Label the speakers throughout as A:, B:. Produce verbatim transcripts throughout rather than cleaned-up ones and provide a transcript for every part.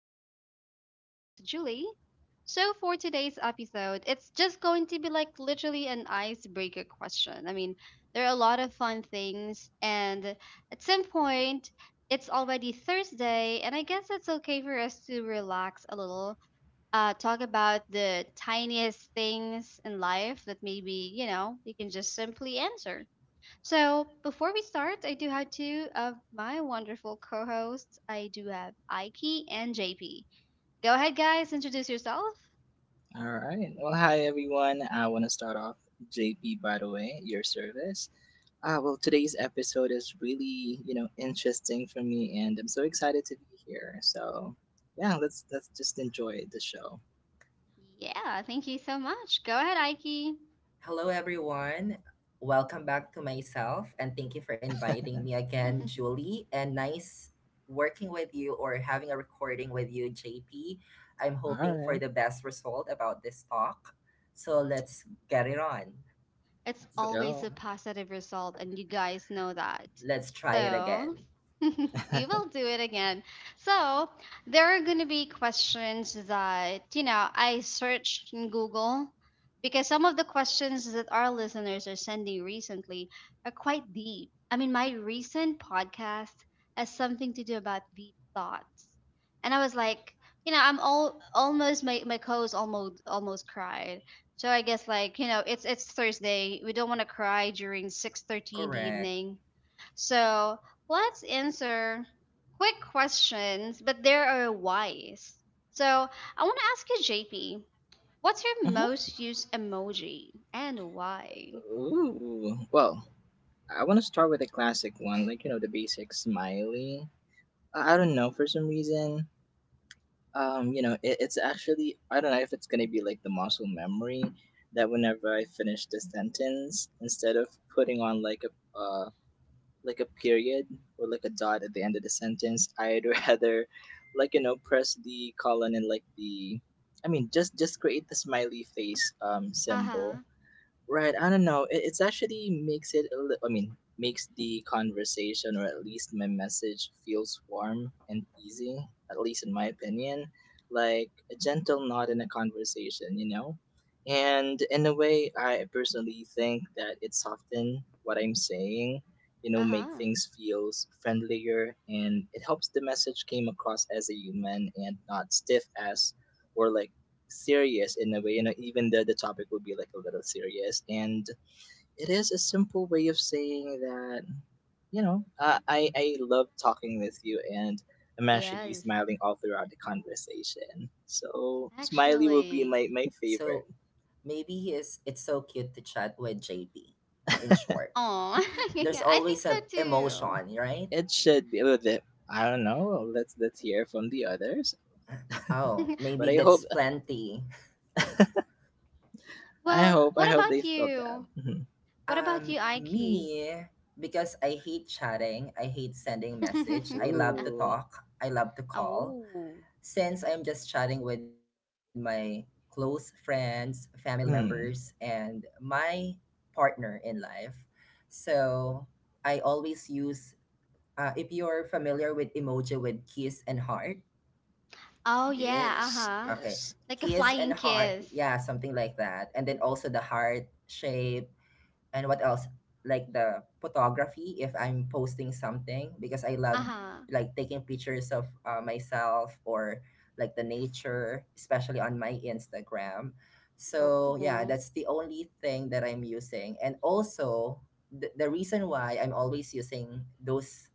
A: And again, this is your host Julie. So for today's episode, it's just going to be like literally an icebreaker question. I mean, there are a lot of fun things, and at some point, it's already Thursday, and I guess it's okay for us to relax a little, uh, talk about the tiniest things in life that maybe, you know, you can just simply answer. So, before we start, I do have two of my wonderful co hosts. I do have Aiki and J P. Go ahead, guys, introduce yourself.
B: All right. Well, hi everyone. I want to start off J P by the way, your service. Uh, well, today's episode is really, you know, interesting for me and I'm so excited to be here. So, yeah, let's let's just enjoy the show.
A: Yeah, thank you so much. Go ahead, Aiki.
C: Hello, everyone. Welcome back to myself, and thank you for inviting me again, Julie. And nice working with you or having a recording with you, J P. I'm
B: All
C: hoping for
B: right.
C: the best result about this talk. So let's get it on.
A: It's
B: Let's
A: always
B: go.
A: a positive result, and you guys know that.
C: Let's try it
A: So,
C: again.
A: we will do it again. So, there are going to be questions that, you know, I searched in Google because some of the questions that our listeners are sending recently are quite deep. I mean, my recent podcast has something to do about deep thoughts. And I was like, you know, I'm all almost my, my co-host almost almost cried, so I guess like, you know, it's it's Thursday. We don't want to cry during six thirty in the
C: Correct.
A: evening. So, let's answer quick questions, but there are whys. So, I want to ask you J P, what's your
B: Mhm.
A: most used emoji and why?
B: Ooh. Well, I want to start with a classic one, like, you know, the basic smiley. I I don't know,
A: Hmm.
B: for some reason, um you know it, it's actually i don't know if it's going to be like the muscle memory that whenever i finish the sentence instead of putting on like a uh like a period or like a dot at the end of the sentence i'd rather like you know press the colon and like the i mean just just create the smiley face um symbol.
A: Uh-huh.
B: Right, I don't know. It, it's actually makes it a li- I mean, makes the conversation or at least my message feels warm and easy, at least in my opinion, like a gentle nod in a conversation, you know? And in a way, I personally think that it soften what I'm saying, you know, make
A: Uh-huh.
B: things feels friendlier and it helps the message came across as a human and not stiff as or like serious in a way. You know, even the the topic would be like a little serious, and it is a simple way of saying that you know I I, I love talking with you, and I'm actually
A: Yes,
B: smiling all throughout the conversation. So smiley will be
A: actually.
B: my my favorite.
C: So maybe he is, it's so cute to chat with J P, in short.
A: Oh,
C: There's
A: I think
C: always
A: so
C: an
A: too.
C: emotion, right?
B: It should be with it. I don't know. Well, Let's let's hear from the others.
C: Oh,
B: But
C: maybe
B: I hope
C: that's plenty.
B: I
A: Well,
B: hope I
A: what
B: hope they
A: about
B: felt that.
A: you?
B: Mhm.
A: What about
C: Um,
A: you, Aiki?
C: me, because I hate chatting, I hate sending message. I love to
B: Ooh.
C: talk, I love to call.
A: Oh.
C: Since I'm just chatting with my close friends, family members,
B: Hmm.
C: and my partner in life. So I always use, uh, if you're familiar with emoji with kiss and heart.
A: Oh yeah,
B: Yes.
A: uh-huh.
C: Okay,
B: Yes.
A: Like a
C: kiss and
A: flying
C: heart,
A: kiss.
C: yeah, something like that. And then also the heart shape, and what else, like the photography if I'm posting something because I love
A: Uh-huh.
C: like taking pictures of uh, myself or like the nature, especially on my Instagram.
A: Oh,
C: So yeah,
A: mm,
C: that's the only thing that I'm using, and also the, the reason why I'm always using those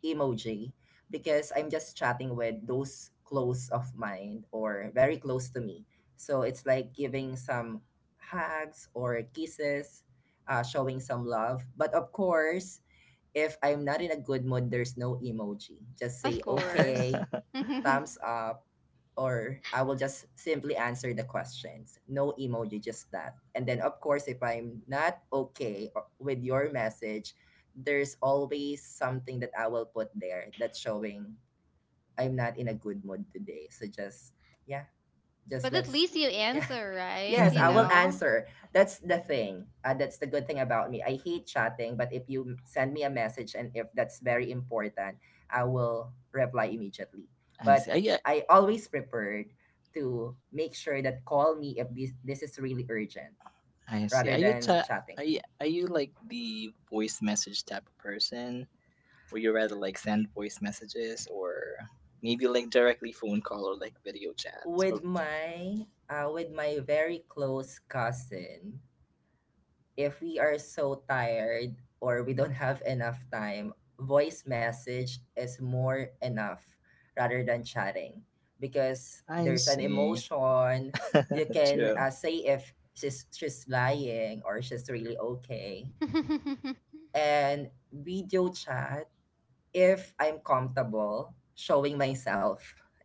C: emoji, because I'm just chatting with those close of mine or very close to me. So it's like giving some hugs or kisses, uh, showing some love. But of course, if I'm not in a good mood, there's no emoji. Just
A: of
C: say
A: course.
C: okay, thumbs up, or I will just simply answer the questions. No emoji, just that. And then, of course, if I'm not okay o- with your message, there's always something that I will put there that's showing I'm not in a good mood today. So just, yeah, just
A: But at
C: let's,
A: least you
C: yeah.
A: answer, right?
C: Yes,
A: You
C: I
B: Mm-hmm.
C: will
A: know?
C: answer. That's the thing, uh, that's the good thing about me. I hate chatting, but if you send me a message and if that's very important, I will reply immediately.
B: I see. I,
C: But
B: yeah,
C: I always prepared to make sure that call me if this, this is really urgent,
B: I see.
C: rather
B: Are you
C: than
B: ta-
C: chatting.
B: are you, are you like the voice message type of person? Or you rather like send voice messages or maybe like directly phone call or like video chats? Oh,
C: With my uh, with my very close cousin, if we are so tired or we don't have enough time, voice message is more enough rather than chatting, because
B: I
C: there's an
B: see.
C: emotion. You can
B: True.
C: uh, say if she's she's lying or she's really okay. And video chat, if I'm comfortable showing myself,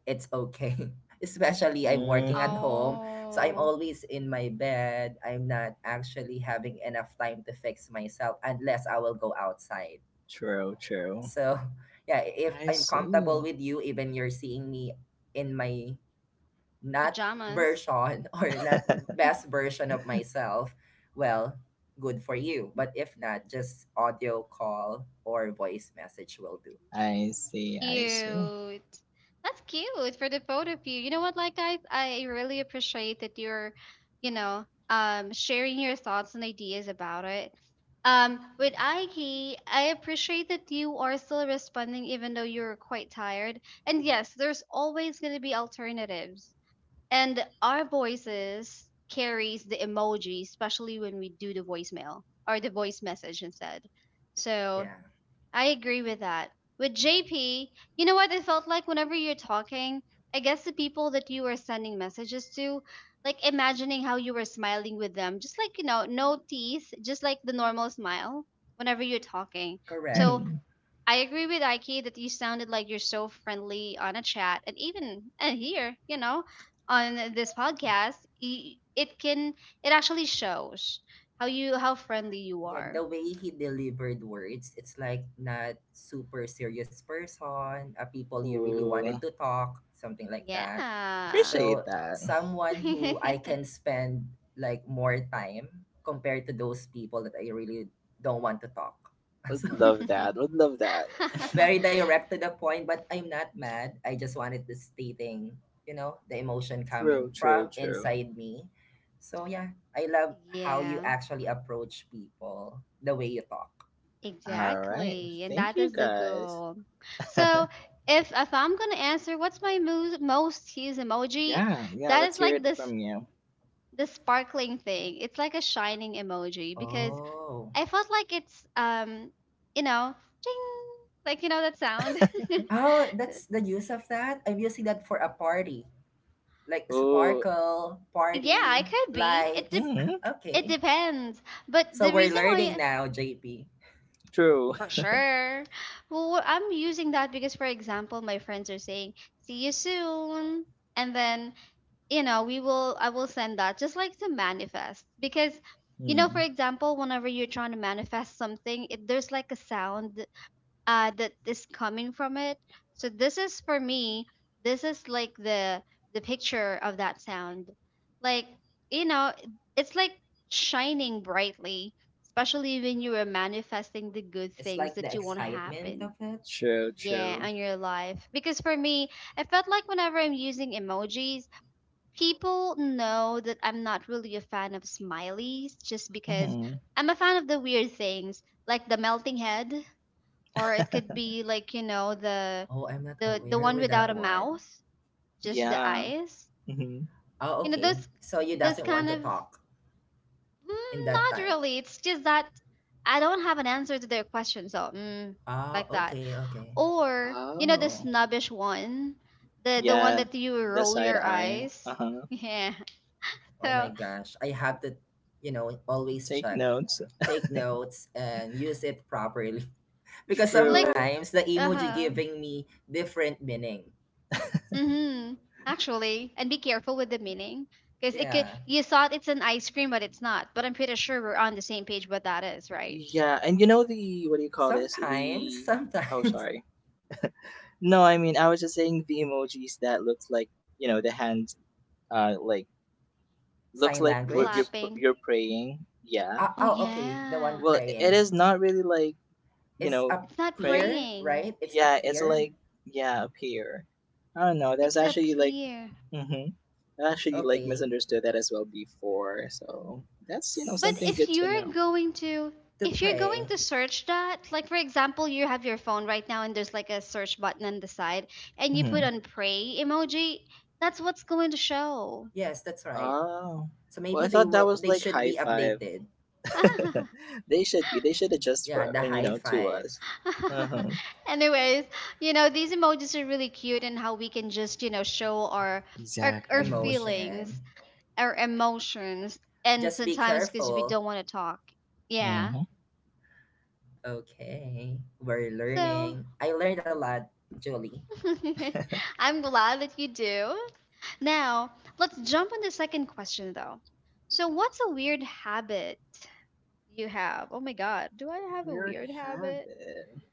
C: it's okay. Especially I'm working at
B: Hmm.
C: home, so I'm
A: Oh,
C: always in my bed. I'm not actually having enough time to fix myself unless I will go outside.
B: True, true.
C: So, yeah, if
B: I
C: I'm comfortable
B: see.
C: with you, even you're seeing me in my not
A: pajamas.
C: version, or not best version of myself, well, good for you. But if not, just audio call or voice message will do.
B: I see, I see.
A: Cute. That's cute for the both of you. You know what, like guys, I really appreciate that you're, you know, um sharing your thoughts and ideas about it. Um, with Aiki, I appreciate that you are still responding even though you're quite tired. And yes, there's always gonna be alternatives. And our voices carries the emoji, especially when we do the voicemail or the voice message instead. So
C: Yeah.
A: I agree with that. With J P, you know what? It felt like whenever you're talking, I guess the people that you were sending messages to, like imagining how you were smiling with them, just like, you know, no teeth, just like the normal smile whenever you're talking.
C: Correct.
A: So
B: Mhm.
A: I agree with Ike that you sounded like you're so friendly on a chat, and even and here, you know, on this podcast, y- it can it actually shows how you how friendly you
C: Yeah, the
A: are.
C: way he delivered words, it's like not super serious person, a people you really wanted
B: Ooh,
C: to talk, something like that.
A: Yeah.
B: appreciate
C: So
B: that.
C: someone who I can spend like more time compared to those people that I really don't want to talk.
B: Would
C: So
B: love that. Would love that.
C: very direct to the point, but I'm not mad. I just wanted the stating, you know, the emotion coming
B: True,
C: from
B: true, true.
C: inside me. So yeah, I love how you
A: Yeah,
C: actually approach people, the way you talk.
B: All right.
A: exactly. And
B: Thank
A: that
B: you
A: is the
B: guys.
A: goal. So if if I'm gonna answer what's my mo most used emoji,
B: Yeah, yeah,
A: that
B: let's
A: is
B: hear
A: like
B: it
A: this,
B: from you.
A: the sparkling thing. It's like a shining emoji because
C: Oh.
A: I felt like it's, um, you know, ding, like you know that sound.
C: Oh, that's the use of that. I'm using that for a party. Like
B: Oh,
C: sparkle,
B: y-
A: Yeah, it
C: party,
A: could be. It de
C: lights.
B: mm,
A: it
C: Okay.
A: depends. But
C: So
A: the
C: we're
A: reason
C: learning
A: why,
C: now, J P.
B: true.
A: for sure. Well, I'm using that because, for example, my friends are saying, see you soon. And then, you know, we will, I will send that just like the manifest. Because, you know, for
B: Mm,
A: example, whenever you're trying to manifest something, it, there's like a sound uh that is coming from it, so this is for me, this is like the the picture of that sound, like, you know, it's like shining brightly, especially when you are manifesting the good
C: It's like
A: things
C: the
A: that you want to
C: excitement of
A: happen,
C: it.
B: true,
A: yeah,
B: true.
A: on your life. Because for me, I felt like whenever I'm using emojis, people know that I'm not really a fan of smileys, just because
B: Hmm.
A: I'm a fan of the weird things like the melting head, or it could be like, you know the
C: Oh, I'm not
A: the the
C: aware
A: one
C: with
A: without
C: that
A: a
C: one.
A: mouth, just the
B: Yeah.
A: eyes,
B: Hmm.
C: Oh,
A: you know
C: okay.
A: those
C: So you
A: those
C: doesn't want
A: kind
C: to
A: of,
C: talk in
A: mm,
C: that
A: not
C: time.
A: really, it's just that I don't have an answer to their question, so, mm,
C: Oh,
A: like that,
C: okay, okay.
A: or you know the
B: Oh,
A: snobbish one, the the one
B: yeah,
A: that you
B: the
A: roll
B: side
A: your
B: eye. Uh
A: eyes.
B: huh.
A: Yeah,
C: Oh my
A: so
C: gosh. I have to, you know, always
B: Take
C: check,
B: notes.
C: take notes and use it properly, because
A: like,
B: True.
C: sometimes the emoji
A: uh-huh.
C: giving me different meaning.
A: Mm-hmm. Actually, and be careful with the meaning because it could,
C: Yeah.
A: you thought it's an ice cream, but it's not. But I'm pretty sure we're on the same page what that is, right?
B: Yeah, and you know the, what do you call this?
C: Sometimes,
B: The, oh,
C: sometimes.
B: sorry. No, I mean, I was just saying the emojis that looks like, you know, the hands, uh, like, looks
C: Sign
B: like we're- you're,
C: language.
B: pr-
A: Clapping.
B: you're praying. Yeah.
C: Uh,
A: Oh
C: oh, okay. The one
A: yeah.
B: Well, it
C: praying.
B: is not really like, you
C: It's
B: know,
C: a
A: It's not
B: praying.
C: peer,
A: praying.
C: right? It's a
B: Yeah, it's
C: peer.
B: like yeah, up here. I don't know. That's
A: It's up
B: actually like.
A: here.
B: Mm-hmm. I actually like
C: Okay.
B: misunderstood that as well before. So that's you know
A: But
B: something
C: S-
A: if
B: good to
A: you're
B: know.
A: going to
C: to
A: if you're going
C: pray.
A: to search that, like for example, you have your phone right now and there's like a search button on the side, and you put
B: Mm-hmm.
A: on pray emoji, that's what's going to show.
C: Yes, that's right.
B: Oh,
C: So
B: well, I
C: maybe they
B: thought that
C: will
B: was
C: they
B: like
C: should
B: high
C: be
B: five.
C: updated.
B: They should be. They should adjust
C: Yeah,
B: for
C: the
B: and you
C: high
B: know to
C: five
B: us. Uh huh.
A: Anyways, you know, these emojis are really cute, and how we can just, you know, show our our, our
B: Exactly.
C: emotion.
A: feelings, our emotions, and
C: Just be
A: sometimes because we
C: careful.
A: don't want to talk.
B: Uh
A: Yeah.
B: huh.
C: Okay. We're
A: So
C: learning. I learned a lot, Julie.
A: I'm glad that you do. Now, let's jump on the second question though. So what's a weird habit you have? Oh my god, do I have a
B: Weird
A: weird habit?
B: habit.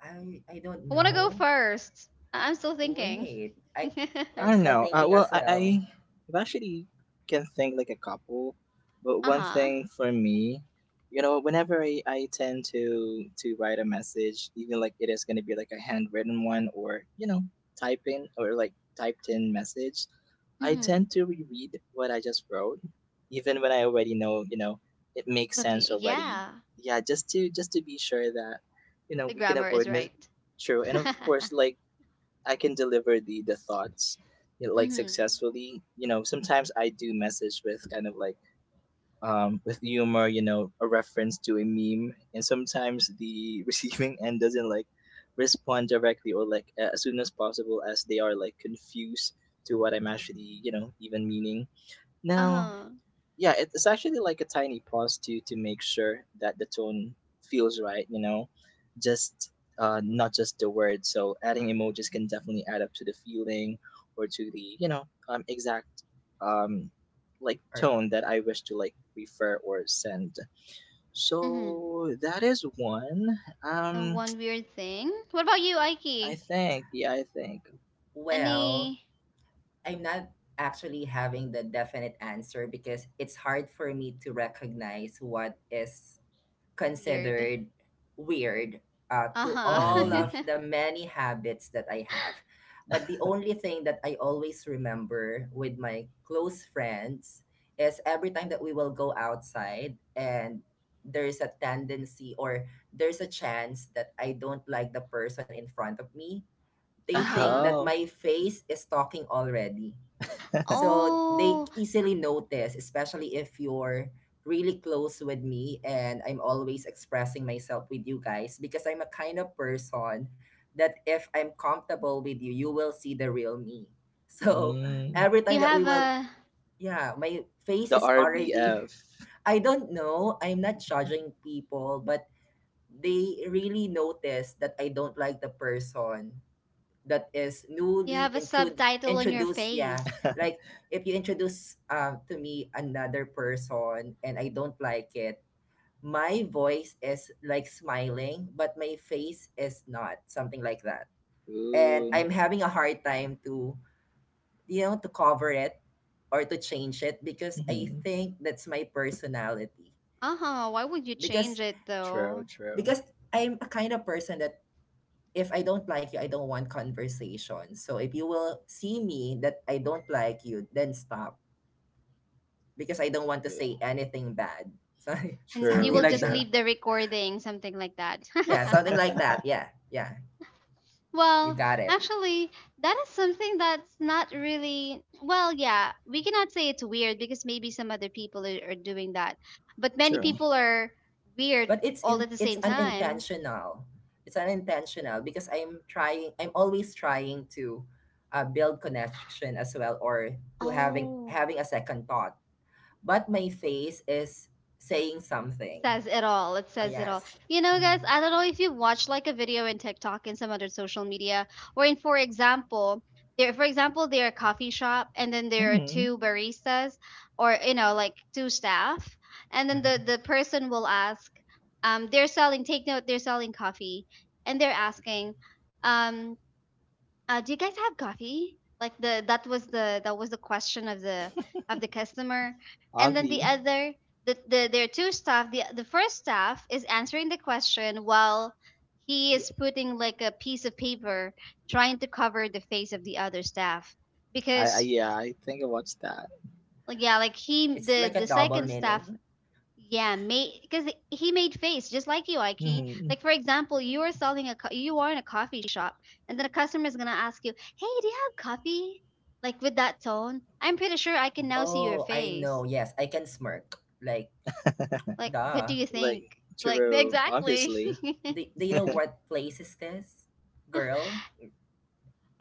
C: I I don't
A: I want to go
C: know.
A: first. I- I'm still thinking.
C: Wait. I
B: I
C: I'm
B: don't
C: still
B: know. Uh,
C: thinking
B: well,
C: as
B: I,
C: well.
B: I I've actually can think like a couple, but one
A: Uh-huh.
B: thing for me, you know, whenever I, I tend to to write a message, even like it is gonna be like a handwritten one or you know typing or like typed in message, I
A: Mm-hmm.
B: tend to reread what I just wrote, even when I already know you know it makes
A: Not y-
B: sense already.
A: yeah,
B: Yeah, just to just to be sure that you know
A: the
B: we can
A: grammar is
B: avoid mis-
A: right.
B: true, and of course like I can deliver the the thoughts, you know, like
A: Mhm.
B: successfully. You know, sometimes I do message with kind of like um with humor, you know, a reference to a meme, and sometimes the receiving end doesn't like respond directly or like a- as soon as possible as they are like confused to what I'm actually you know even meaning
A: Uh
B: now.
A: huh.
B: Yeah, it- it's actually like a tiny pause to to make sure that the tone feels right, you know just uh not just the words, so adding emojis can definitely add up to the feeling or to the you know um exact, um like
C: Or
B: tone that i wish to like refer or send.
A: Mhm.
B: So that is one.
A: Now
B: um
A: one weird thing. What about you,
B: i
A: Aiki?
B: think. Yeah, i think.
C: well,
A: Any
C: I'm not actually having the definite answer, because it's hard for me to recognize what is
A: weird?
C: considered weird, uh, to
A: Uh
C: all
B: Hmm.
C: of
A: huh.
C: the many habits that I have. But the only thing that I always remember with my close friends is every time that we will go outside and there's a tendency or there's a chance that I don't like the person in front of me, they
A: Uh
C: think
A: huh.
C: that
B: Oh.
C: my face is talking already. So they
A: Oh,
C: easily notice, especially if you're really close with me and I'm always expressing myself with you guys, because I'm a kind of person that if I'm comfortable with you, you will see the real me. So
B: Hmm.
C: every
A: you
C: time that we
A: have
C: will,
A: a
C: yeah, my face
B: The
C: is already,
B: R B F.
C: I don't know, I'm not judging people, but they really notice that I don't like the person that is
A: you
C: newly
A: have a
C: intrud-
A: subtitle on your
C: introduced. Yeah.
A: face.
C: Like if you introduce um to me another person and I don't like it, my voice is like smiling but my face is not, something like that. And
B: Ooh.
C: I'm having a hard time to, you know, to cover it or to change it, because I think that's my personality,
A: Uh huh. Why would you
C: because
A: change it
B: True,
A: though?
B: true.
C: because I'm a kind of person that if I don't like you, I don't want conversation. So if you will see me that I don't like you, then stop, because I don't want to say
B: Ugh.
C: anything bad. So
A: And you
C: something
A: will
B: True,
C: like
A: just
B: true.
C: that.
A: leave the recording, something like that.
C: Yeah, something like that. Yeah, yeah, you
A: Well,
C: got it.
A: actually, that is something that's not really, well, yeah, we cannot say it's weird because maybe some other people are, are doing that. But many
B: True.
A: people are weird
C: But it's
A: all
C: in
A: at the
C: it's
A: same time.
C: unintentional. It's unintentional because I'm trying. I'm always trying to uh, build connection as well, or to having
A: Oh.
C: having a second thought. But my face is saying something.
A: Says it all. It
C: Oh
A: says it all.
C: yes.
A: You know,
C: Mm,
A: guys, I don't know if you watch like a video in TikTok and some other social media, wherein, for example, there, for example, there are coffee shop, and then there are
B: Mm-hmm.
A: two baristas, or you know, like two staff, and then the
C: mm-hmm.
A: the person will ask, um, they're selling. Take note, they're selling coffee, and they're asking, um, uh, do you guys have coffee? Like, the that was the that was the question of the of the customer, and then the
B: Ozzy.
A: other the, the there are two staff. The the first staff is answering the question while he is putting like a piece of paper trying to cover the face of the other staff,
B: I, I
A: because
B: yeah, I think I watched that.
A: like, yeah, like, he
C: It's
A: the
C: like a
A: the
C: double
A: second staff,
C: meaning.
A: yeah, made because he made face just like you, Ike.
B: Hmm.
A: Like for example, you are selling a co- you are in a coffee shop, and then a customer is gonna ask you, "Hey, do you have coffee?" Like with that tone, I'm pretty sure I can now see your
C: Oh, I know.
A: face.
C: Yes, I can smirk. Like,
A: Like, what
C: duh.
A: do you
B: Like
A: think? Like
B: true,
A: exactly.
B: obviously.
C: Do, do you know what place is this, girl?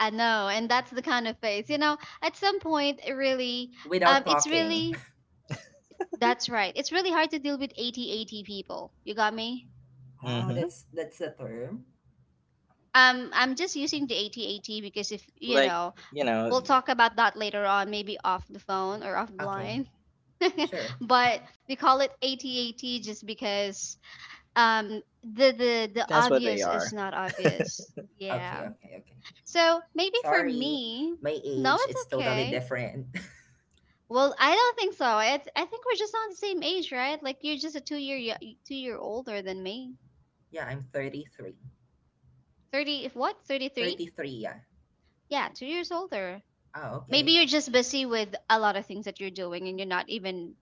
A: I know, and that's the kind of face. You know, at some point, it really,
C: Without
A: um, it's
C: talking.
A: really that's right. It's really hard to deal with eighty eighty people. You got me?
C: Oh,
B: Hmm.
C: that's that's the term.
A: um I'm just using the eighty eighty because if you
B: Like,
A: know,
B: you know,
A: we'll talk about that later on, maybe off the phone or off the
C: Okay,
A: line.
C: sure.
A: But we call it eighty eighty just because, um the the the
B: that's what they
A: obvious is
B: are.
A: not obvious,
C: Okay,
A: yeah.
C: okay, okay.
A: So maybe for
C: Sorry,
A: me,
C: my
A: no,
C: age
A: it's
C: it's totally
A: okay.
C: different.
A: Well, I don't think so. it's, I think we're just on the same age, right? Like you're just a two year yo- two year older than me.
C: Yeah, I'm thirty three.
A: thirty, if what? thirty-three.
C: Thirty three. Yeah.
A: Yeah, two years older.
C: Oh,
A: Maybe
C: okay.
A: you're just busy with a lot of things that you're doing, and you're not even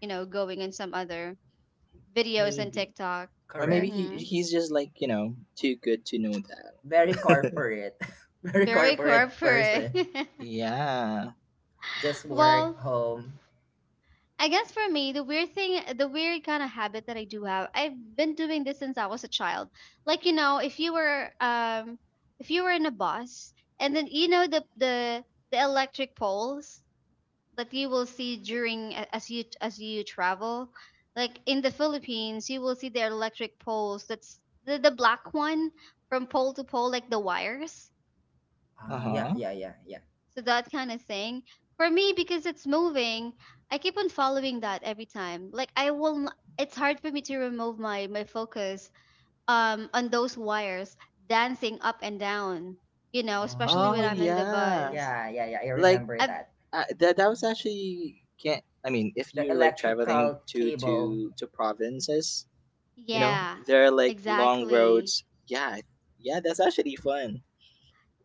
A: you know going in some other videos and
C: Maybe.
A: TikTok.
B: Or maybe
C: Correct.
B: he
A: Mm-hmm.
B: he's just like you know too good to know that.
C: Very corporate. Very
A: Very
C: corporate
A: corporate.
C: person.
B: Yeah.
C: Just work
A: Well,
C: home.
A: I guess for me, the weird thing, the weird kind of habit that I do have, I've been doing this since I was a child. Like, you know if you were, um if you were in a bus, and then, you know the the the electric poles, like you will see during a- as you as you travel, like in the Philippines. You will see the electric poles, that's the, the black one, from pole to pole, like the wires.
C: Uh,
B: Uh
C: yeah,
B: huh.
C: yeah, yeah, yeah.
A: So that kind of thing for me, because it's moving, I keep on following that every time. Like I will, n- it's hard for me to remove my my focus, um on those wires dancing up and down, you know especially
B: Oh
A: when I'm in
C: Oh,
A: the
B: yeah.
A: bus.
C: yeah, yeah, yeah. I
B: Like
C: remember
A: I've,
C: that.
B: uh, that that was actually can't. I mean, if
C: The
B: you're like traveling
C: electrical
B: to
C: cable.
B: to to provinces. You know,
A: yeah,
B: there are like long
A: exactly.
B: roads. Yeah, yeah, that's actually fun.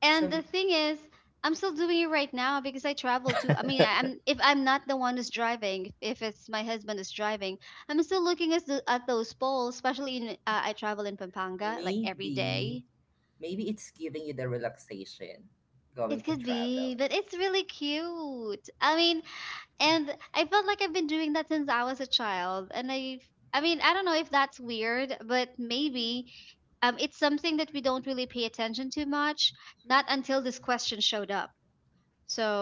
A: And the
C: So
A: thing is, I'm still doing it right now because I travel too. I mean, I'm if I'm not the one who's driving, if it's my husband is driving, I'm still looking at the, at those poles. Especially in uh, I travel in Pampanga like every
C: maybe,
A: day.
C: maybe it's giving you the relaxation
A: It
C: going to
A: could
C: travel.
A: be, but it's really cute. I mean, and I felt like I've been doing that since I was a child. And I, I mean, I don't know if that's weird, but maybe, um, it's something that we don't really pay attention to much. Not until this question showed up.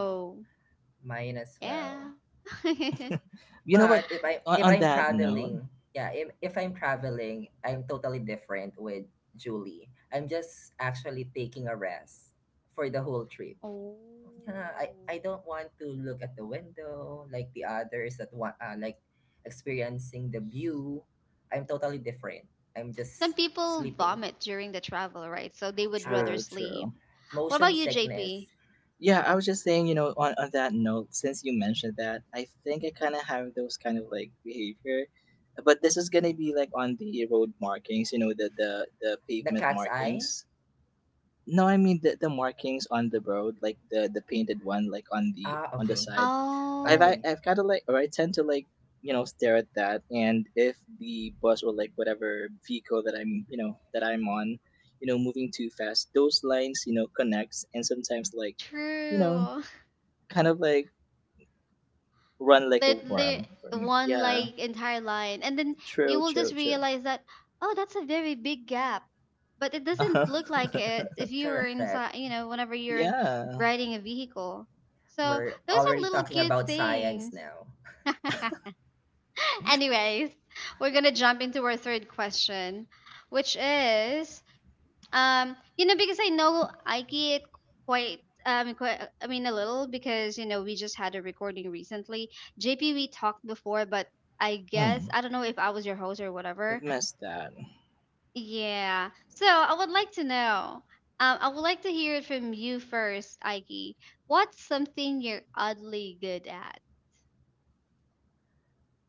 C: Oh, mine as well.
A: yeah.
B: You know what?
C: But if I
B: On,
C: if
B: on
C: I'm
B: that note,
C: traveling, yeah, if, if I'm traveling, I'm totally different with Julie. I'm just actually taking a rest for the whole trip.
A: Oh.
C: Yeah, I, I don't want to look at the window like the others that want, uh, like, experiencing the view. I'm totally different. I'm
A: Some
C: just
A: people
C: sleeping.
A: vomit during the travel, right? So they would rather
B: true,
C: Ah,
B: true.
A: sleep. What
C: motion
A: about you,
C: sickness.
A: J P?
B: Yeah, I was just saying, you know, on, on that note, since you mentioned that, I think I kind of have those kind of like behavior. But this is gonna be like on the road markings, you know, the the, the
C: The
B: pavement
C: cat's eye.
B: markings. No, I mean the, the markings on the road, like the the painted one, like on the
C: Ah,
B: on the
C: okay.
B: side. I've
A: Oh,
B: I-
C: Okay.
B: I've kind of like, or I tend to like you know stare at that, and if the bus or like whatever vehicle that I'm you know that I'm on, you know moving too fast, those lines you know connects, and sometimes like you know
A: true.
B: kind of like run like a
A: Literally
B: worm for me.
A: one
B: Yeah,
A: like entire line. And then you
B: true,
A: will just
B: true, true.
A: realize that, oh, that's a very big gap. But it
B: Uh-huh.
A: doesn't look like it if you were
C: Correct.
A: inside, you know, whenever you're in
B: yeah,
A: riding a vehicle. So
C: We're
A: those are
C: already
A: little
C: talking
A: cute
C: about science
A: things.
C: now.
A: Anyways, we're gonna jump into our third question, which is, um, you know, because I know I get quite, um, quite, I mean, a little because you know we just had a recording recently. J P, we talked before, but I guess
B: mm,
A: I don't know if I was your host or
B: I've
A: whatever.
B: missed that.
A: Yeah. So I would like to know. Um, I would like to hear it from you first, Ike. What's something you're oddly good at?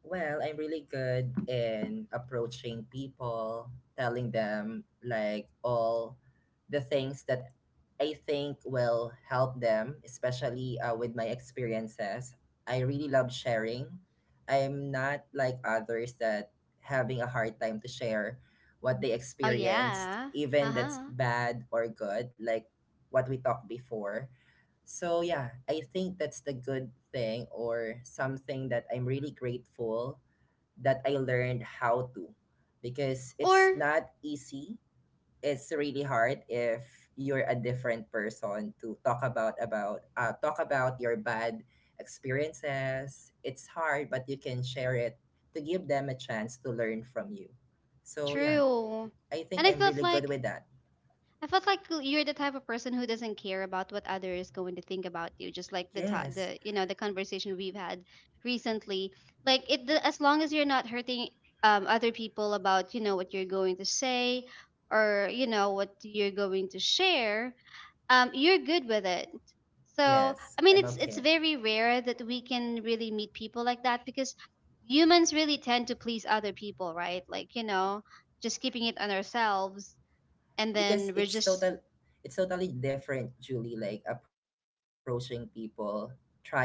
C: Well, I'm really good in approaching people, telling them like all the things that I think will help them, especially uh, with my experiences. I really love sharing. I'm not like others that having a hard time to share what they
A: Oh
C: experienced,
A: yeah.
C: even
A: Uh
C: that's
A: huh.
C: bad or good, like what we talked before. So yeah, I think that's the good thing, or something that I'm really grateful that I learned how to, because it's
A: Or.
C: not easy. It's really hard if you're a different person to talk about about uh, talk about your bad experiences. It's hard, but you can share it to give them a chance to learn from you. So yeah,
A: True.
C: I
A: And
C: think
A: I
C: I'm
A: felt
C: really good
A: like
C: with that.
A: I felt like you're the type of person who doesn't care about what others is going to think about you, just like the ta-
C: Yes.
A: the you know the conversation we've had recently. Like, it, the, as long as you're not hurting um other people about you know what you're going to say or you know what you're going to share, um you're good with it. So,
C: Yes,
A: I mean,
C: I'm
A: it's it's
C: okay.
A: very rare that we can really meet people like that because humans really tend to please other people, right? Like, you know, just keeping it on ourselves and
C: Because
A: then we're
C: it's
A: just.
C: total, it's totally different, Julie. Like approaching people, trying to,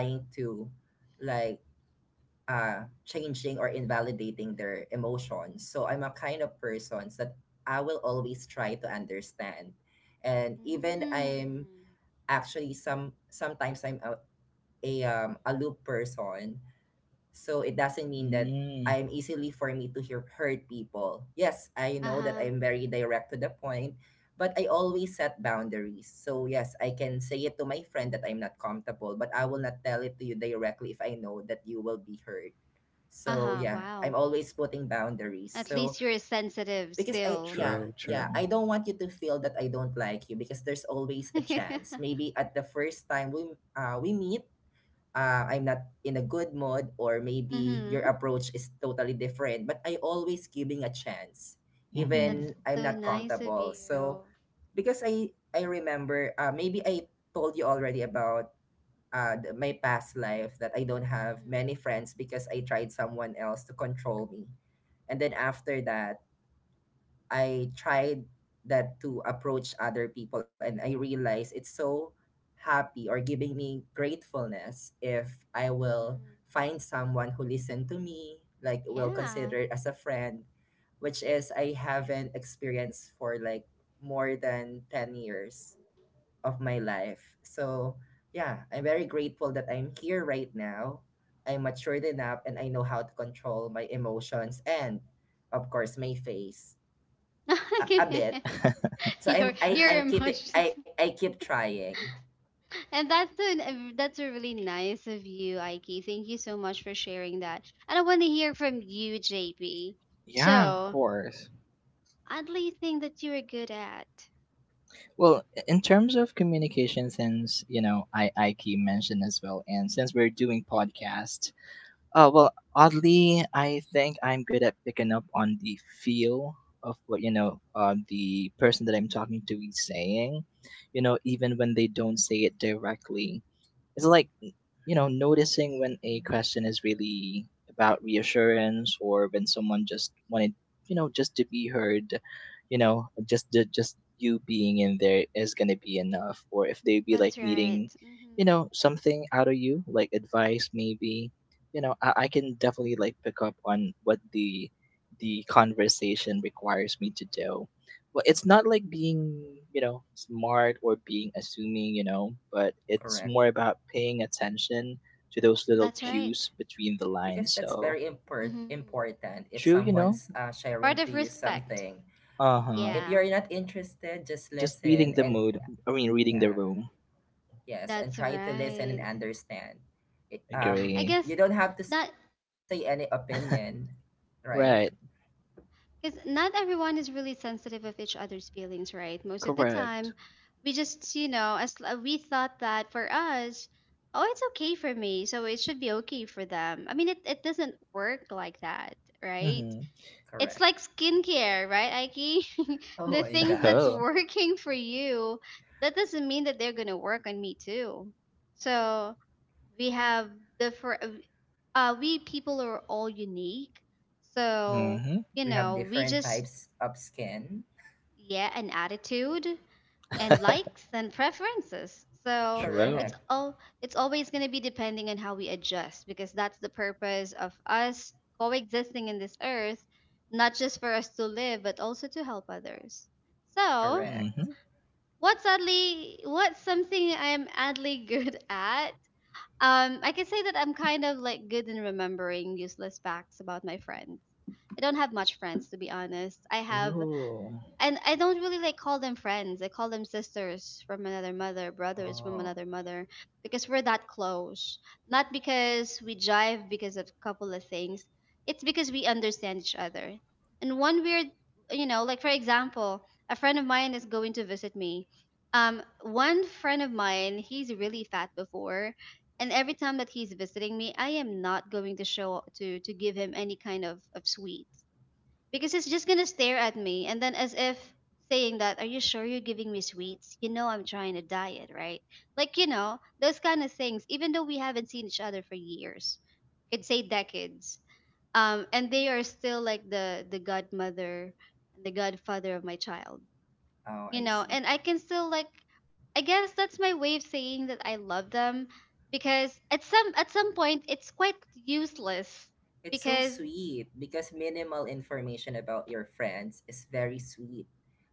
C: like, uh changing or invalidating their emotions. So I'm a kind of person that I will always try to understand, and even I'm
A: Mm.
C: actually some sometimes I'm a, a um a loop person, so it doesn't mean that
B: Mm,
C: I'm easily for me to hear hurt people. Yes, I know that
A: Uh-huh.
C: I'm very direct to the point, but I always set boundaries. So yes, I can say it to my friend that I'm not comfortable, but I will not tell it to you directly if I know that you will be hurt. So
A: Uh-huh.
C: yeah,
A: Wow.
C: I'm always putting boundaries.
A: At
C: So
A: least you're sensitive
C: because I,
A: still.
C: yeah,
B: true,
C: yeah,
B: true.
C: I don't want you to feel that I don't like you, because there's always a chance. Maybe at the first time we uh we meet, uh, I'm not in a good mood or maybe your
A: Mhm.
C: approach is totally different, but I always giving a chance
A: That's
B: Hmm.
C: even I'm
A: so
C: not
A: nice of
C: comfortable. So
A: you.
C: because I I remember, uh, maybe I told you already about uh, the, my past life that I don't have
A: Mhm.
C: many friends because I tried someone else to control me. And then after that, I tried that to approach other people and I realized it's so happy or giving me gratefulness if I will
A: Mhm.
C: find someone who listen to me, like will
A: Yeah.
C: consider it as a friend, which is I haven't experienced for like more than ten years of my life. So yeah, I'm very grateful that I'm here right now. I'm matured enough and I know how to control my emotions and of course my face, a, a bit. So
A: you
C: I'm I
A: Your
C: I'm
A: you're
C: keeping I I keep trying.
A: And that's a, that's a really nice of you, Ike. Thank you so much for sharing that. And I want to hear from you, J P.
B: Yeah, of
A: So,
B: course.
A: oddly thing that you are good at.
B: Well, in terms of communication, since you know, I I keep mentioned as well, and since we're doing podcast, uh, well, oddly, I think I'm good at picking up on the feel of what, you know, uh, the person that I'm talking to is saying, you know, even when they don't say it directly, it's like you know noticing when a question is really about reassurance, or when someone just wanted, you know just to be heard, you know just the, just you being in there is going to be enough, or if they be
A: That's
B: like
A: right.
B: needing you
A: Hmm.
B: know something out of you like advice maybe. You know i, I can definitely like pick up on what the the conversation requires me to do. Well, it's not like being, you know, smart or being assuming, you know, but it's
C: Correct?
B: more about paying attention to those little
A: That's
B: cues
A: right.
B: between the
C: Because
B: lines.
C: that's
B: So
C: very import
A: Hmm.
C: important. If
B: true, you know.
C: someone's uh, sharing
A: Part
C: to
A: of
C: you
A: respect.
C: something,
B: Uh huh.
C: if
A: Yeah,
C: you're not interested, just
B: Just reading
C: listen,
B: the
C: and
B: mood. I mean,
C: yeah,
B: reading the room.
C: yes, and
A: that's
C: try to listen and
A: right.
C: understand. It, um,
A: I
B: Agree.
A: guess
C: you don't have to say
A: not.
C: any opinion, right?
B: Right.
A: Because not everyone is really sensitive of each other's feelings, right? Most of the
B: Correct.
A: time we just, you know as, uh, we thought that for us. Oh, it's okay for me, so it should be okay for them. I mean, it, it doesn't work like that, right?
B: Mhm.
A: It's
C: Correct.
A: like skincare, right, Aiki?
C: Oh
A: The
C: my
A: things that's
C: gosh,
B: Oh.
A: working for you, that doesn't mean that they're gonna work on me too. So we have different uh we people are all unique. So
B: Mhm.
A: you
C: we have
A: know we
C: different
A: just,
C: types of skin.
A: yeah, and attitude and likes and preferences. So
C: Correct.
B: True.
A: it's all it's always going to be depending on how we adjust, because that's the purpose of us coexisting in this earth, not just for us to live but also to help others. So
C: Correct.
B: Mhm.
A: what's oddly what's something I'm oddly good at? um I can say that I'm kind of like good in remembering useless facts about my friends. I don't have much friends, to be honest. I have,
B: Ooh.
A: and I don't really like call them friends. I call them sisters from another mother, brothers from
C: Oh,
A: another mother, because we're that close. Not because we jive because of a couple of things. It's because we understand each other. And one weird, you know, like, for example, a friend of mine is going to visit me. Um, one friend of mine, he's really fat before, and every time that he's visiting me, I am not going to show to to give him any kind of of sweet because he's just gonna stare at me and then as if saying that are you sure you're giving me sweets, you know I'm trying to diet, right? Like, you know those kind of things, even though we haven't seen each other for years, could say decades. Um and they are still like the the godmother and the godfather of my child.
C: oh,
A: You
C: I
A: know,
C: see.
A: and I can still like, I guess that's my way of saying that I love them, because at some at some point it's quite useless.
C: It's so
A: Because
C: sweet because minimal information about your friends is very sweet.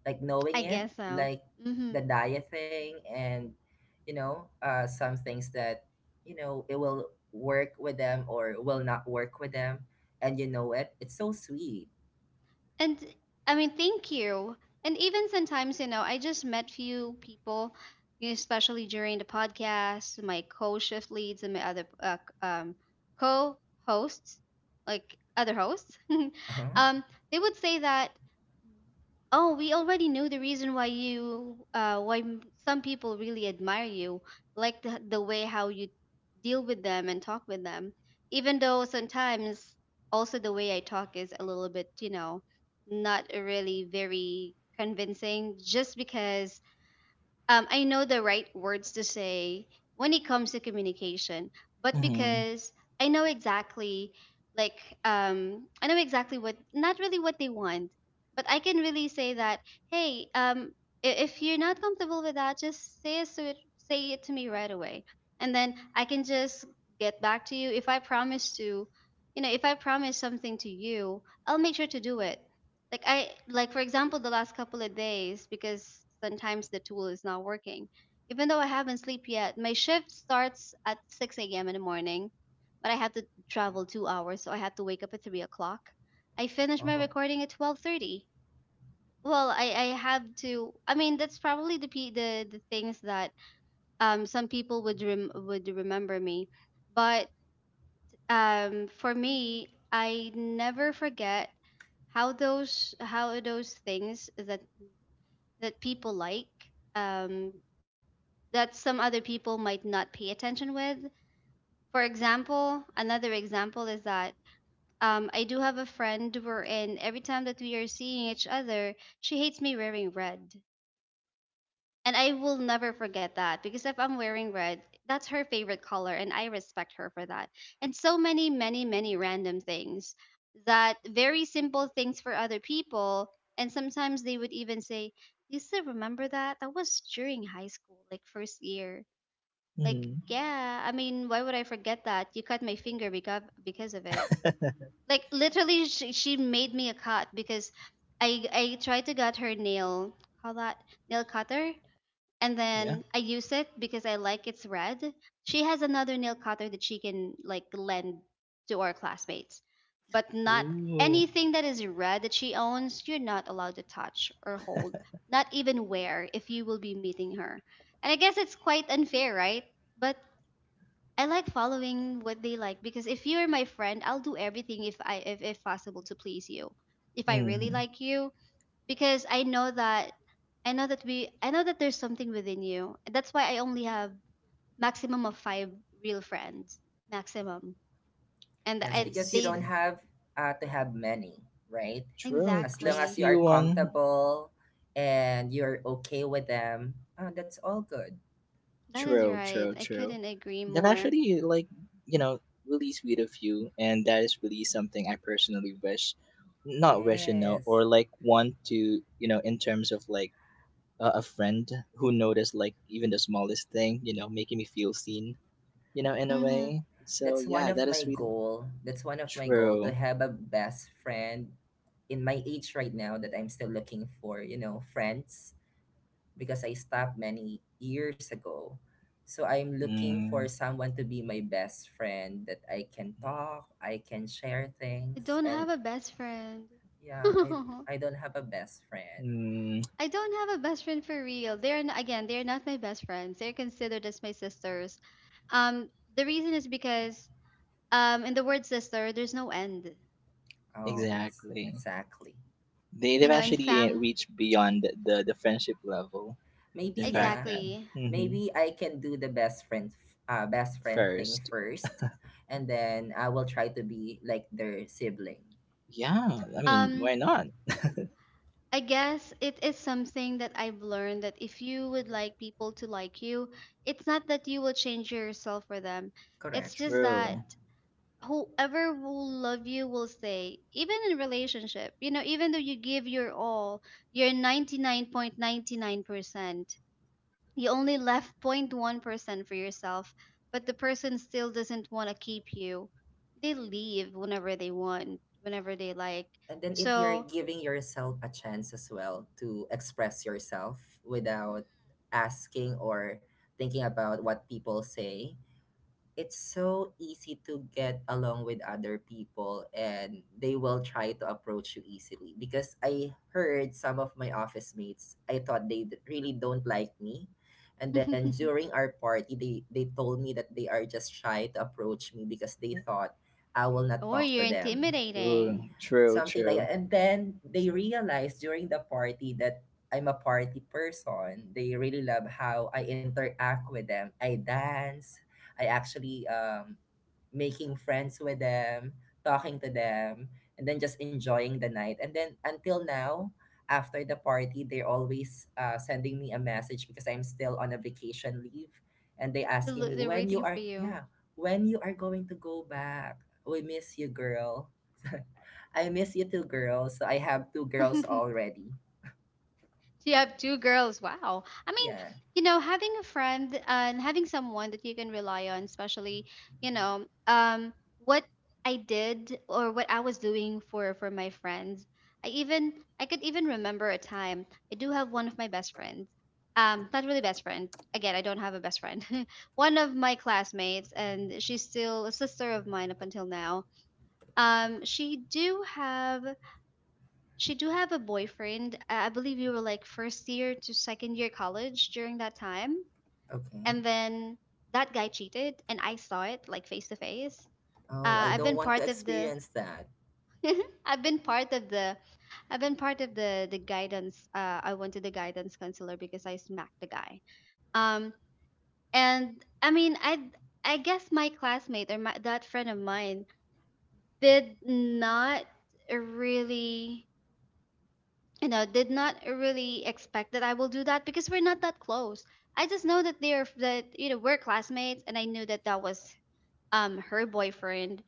C: Like knowing
A: I
C: it,
A: guess so.
C: like
A: Hmm.
C: the diet thing, and you know, uh, some things that you know it will work with them or will not work with them, and you know it. It's so sweet.
A: And I mean, thank you. And even sometimes, you know, I just met few people, you- know, especially during the podcast, my co-shift leads and my other uh, c- um, co-hosts, like other hosts.
C: Uh-huh.
A: um, they would say that, oh, we already knew the reason why you, uh, why m- some people really admire you, like the, the way how you deal with them and talk with them. Even though sometimes also the way I talk is a little bit, you know, not really very convincing, just because um, I know the right words to say when it comes to communication. But
B: Mhm.
A: because I know exactly, like, um, I know exactly what, not really what they want, but I can really say that, hey, um, i- if you're not comfortable with that, just say it. So it, say it to me right away, and then I can just get back to you. If I promise to, you know, if I promise something to you, I'll make sure to do it. Like i like for example, the last couple of days, because sometimes the tool is not working. Even though I haven't slept yet, my shift starts at six a m in the morning, but I have to travel two hours, so I have to wake up at three o'clock. I finish my
C: Oh.
A: recording at twelve thirty. Well, I I have to I mean, that's probably the pe- the, the things that um some people would rem- would remember me. But um for me, I never forget how those how those things that that people like, um that some other people might not pay attention with. For example, another example is that um, I do have a friend wherein every time that we are seeing each other, she hates me wearing red. And I will never forget that, because if I'm wearing red, that's her favorite color and I respect her for that. And so many, many, many random things that very simple things for other people. And sometimes they would even say, Lisa, remember that? That was during high school, like first year. Like,
B: Mhm.
A: yeah, I mean, why would I forget that? You cut my finger because, because of it. Like, literally, she, she made me a cut because I, I tried to get her nail, call that nail cutter, and
B: Yeah.
A: then I use it because I like it's red. She has another nail cutter that she can like lend to our classmates, but not
B: Ooh.
A: anything that is red that she owns. You're not allowed to touch or hold, not even wear if you will be meeting her. And I guess it's quite unfair, right? But I like following what they like, because if you're my friend, I'll do everything if I if, if possible to please you. If I really
B: Mhm.
A: like you, because I know that I know that we I know that there's something within you. That's why I only have maximum of five real friends. Maximum. And
C: Yes,
B: I
A: I
C: because you
A: they.
C: don't
B: see.
C: have, uh, to have many, right?
B: True.
C: As long
B: Just
C: as
A: Exactly.
C: you are
B: few one.
C: comfortable and you're okay with them, uh, that's all good.
A: That is
B: True,
A: right.
B: true,
A: I
B: true.
A: couldn't agree
B: That
A: more.
B: actually, like, you know, really sweet of you, and that is really something I personally wish, not wish, you know,
C: Yes.
B: or like want to, you know, in terms of like a a friend who noticed like even the smallest thing, you know, making me feel seen, you know, in a
A: Mm-hmm.
B: way. So
C: That's one
B: yeah,
C: of
B: that is
C: my
B: really
C: goal. That's one of my goal to
B: true.
C: have a best friend in my age right now that I'm still looking for, you know, friends, because I stopped many years ago. So I'm looking for
B: Mm,
C: someone to be my best friend that I can talk, I can share
A: I
C: things,
A: don't have
C: and
A: a best friend.
C: yeah, I I don't have a best friend.
B: mm,
A: I don't have a best friend for real. They're n- again, they're not my best friends. They're considered as my sisters. Um, the reason is because um, in the word sister, there's no end.
C: Oh, yes,
B: exactly.
C: exactly.
B: They
A: You
B: they've
A: know, in
B: actually eh,
A: fam,
B: reached beyond the the friendship level.
C: Maybe
B: The fact
C: yeah.
B: that,
A: exactly.
B: mm-hmm,
C: Maybe I can do the best friend f- uh best friend thing
B: first.
C: first, and then I will try to be like their sibling.
B: Yeah, I mean,
A: Um,
B: why not?
A: I guess it is something that I've learned that if you would like people to like you, it's not that you will change yourself for them.
C: Correct.
A: It's just that
B: True.
A: whoever will love you will stay, even in relationship. You know, even though you give your all, you're ninety-nine point nine nine percent. You only left point one percent for yourself, but the person still doesn't want to keep you. They leave whenever they want, whenever they like.
C: And then if you're
A: So.
C: giving yourself a chance as well to express yourself without asking or thinking about what people say, it's so easy to get along with other people, and they will try to approach you easily because I heard some of my office mates, I thought they d- really don't like me, and then during our party they they told me that they are just shy to approach me because they thought I will not
A: Or
C: talk to
A: you're
C: them,
B: Ooh,
A: intimidating.
B: true,
C: something like
B: true.
C: that. And then they realized during the party that I'm a party person. They really love how I interact with them. I dance. I actually um, making friends with them, talking to them, and then just enjoying the night. And then until now, after the party, they're always uh, sending me a message because I'm still on a vacation leave, and they
A: They're,
C: asking
A: lo-
C: me,
A: they're
C: when you
A: waiting
C: are
A: for you.
C: yeah, when you are going to go back. We miss you, girl. I miss you two girls. So I have two girls already.
A: So you have two girls. Wow. I mean,
C: Yeah.
A: you know, having a friend uh, and having someone that you can rely on, especially, you know, um, what I did or what I was doing for for my friends. I even I could even remember a time. I do have one of my best friends. Um, not really best friend. Again, I don't have a best friend. One of my classmates, and she's still a sister of mine up until now. Um, she do have she do have a boyfriend. I I believe you were like first year to second year college during that time,
C: Okay.
A: and then that guy cheated, and I saw it like face to face.
C: Oh, I
A: Uh, I've
C: don't
A: been
C: want to
A: part of the
C: experience that.
A: I've been part of the I've been part of the the guidance. Uh, I went to the guidance counselor because I smacked the guy. Um, and I mean, I I guess my classmate or my, that friend of mine did not really. you know did not really expect that I will do that, because we're not that close. I just know that they're that you know we're classmates, and I knew that that was um her boyfriend,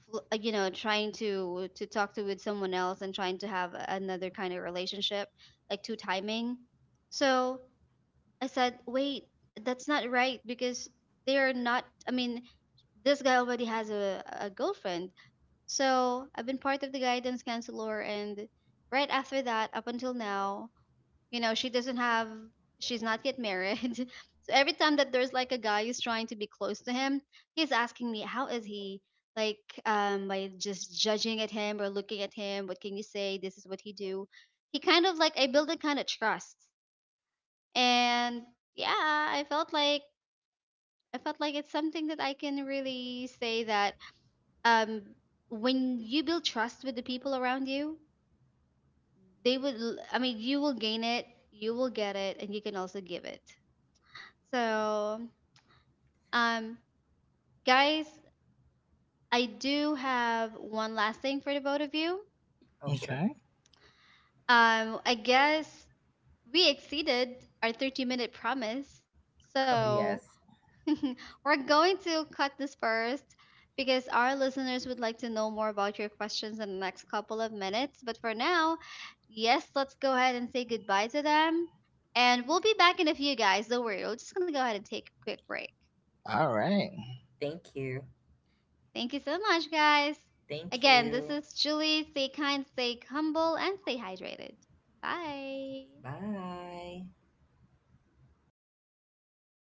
A: fl- uh, you know, trying to to talk to with someone else and trying to have another kind of relationship, like two timing. So I said, wait, that's not right, because they're not. I mean, this guy already has a, a girlfriend. So I've been part of the guidance counselor, and right after that, up until now, you know she doesn't have. She's not yet married. So every time that there's like a guy who's trying to be close to him, he's asking me, how is he? Like, um by just judging at him or looking at him, what can you say, this is what he do. He kind of like I build a kind of trust. And yeah, i felt like i felt like it's something that I can really say that, um when you build trust with the people around you, they would l- I mean you will gain it, you will get it, and you can also give it. So, um, guys, I do have one last thing for the both of you.
C: Oh, sure.
B: Okay.
A: Um, I guess we exceeded our thirty minute promise.
C: Oh,
A: So,
C: yes.
A: we're going to cut this first because our listeners would like to know more about your questions in the next couple of minutes. But for now, yes, let's go ahead and say goodbye to them. And we'll be back in a few, guys. Don't worry. We're just going to go ahead and take a quick break.
B: All right.
C: Thank you.
A: Thank you so much, guys.
C: Thank
A: Again,
C: you.
A: this is Julie. Stay kind, stay humble, and stay hydrated. Bye.
C: Bye.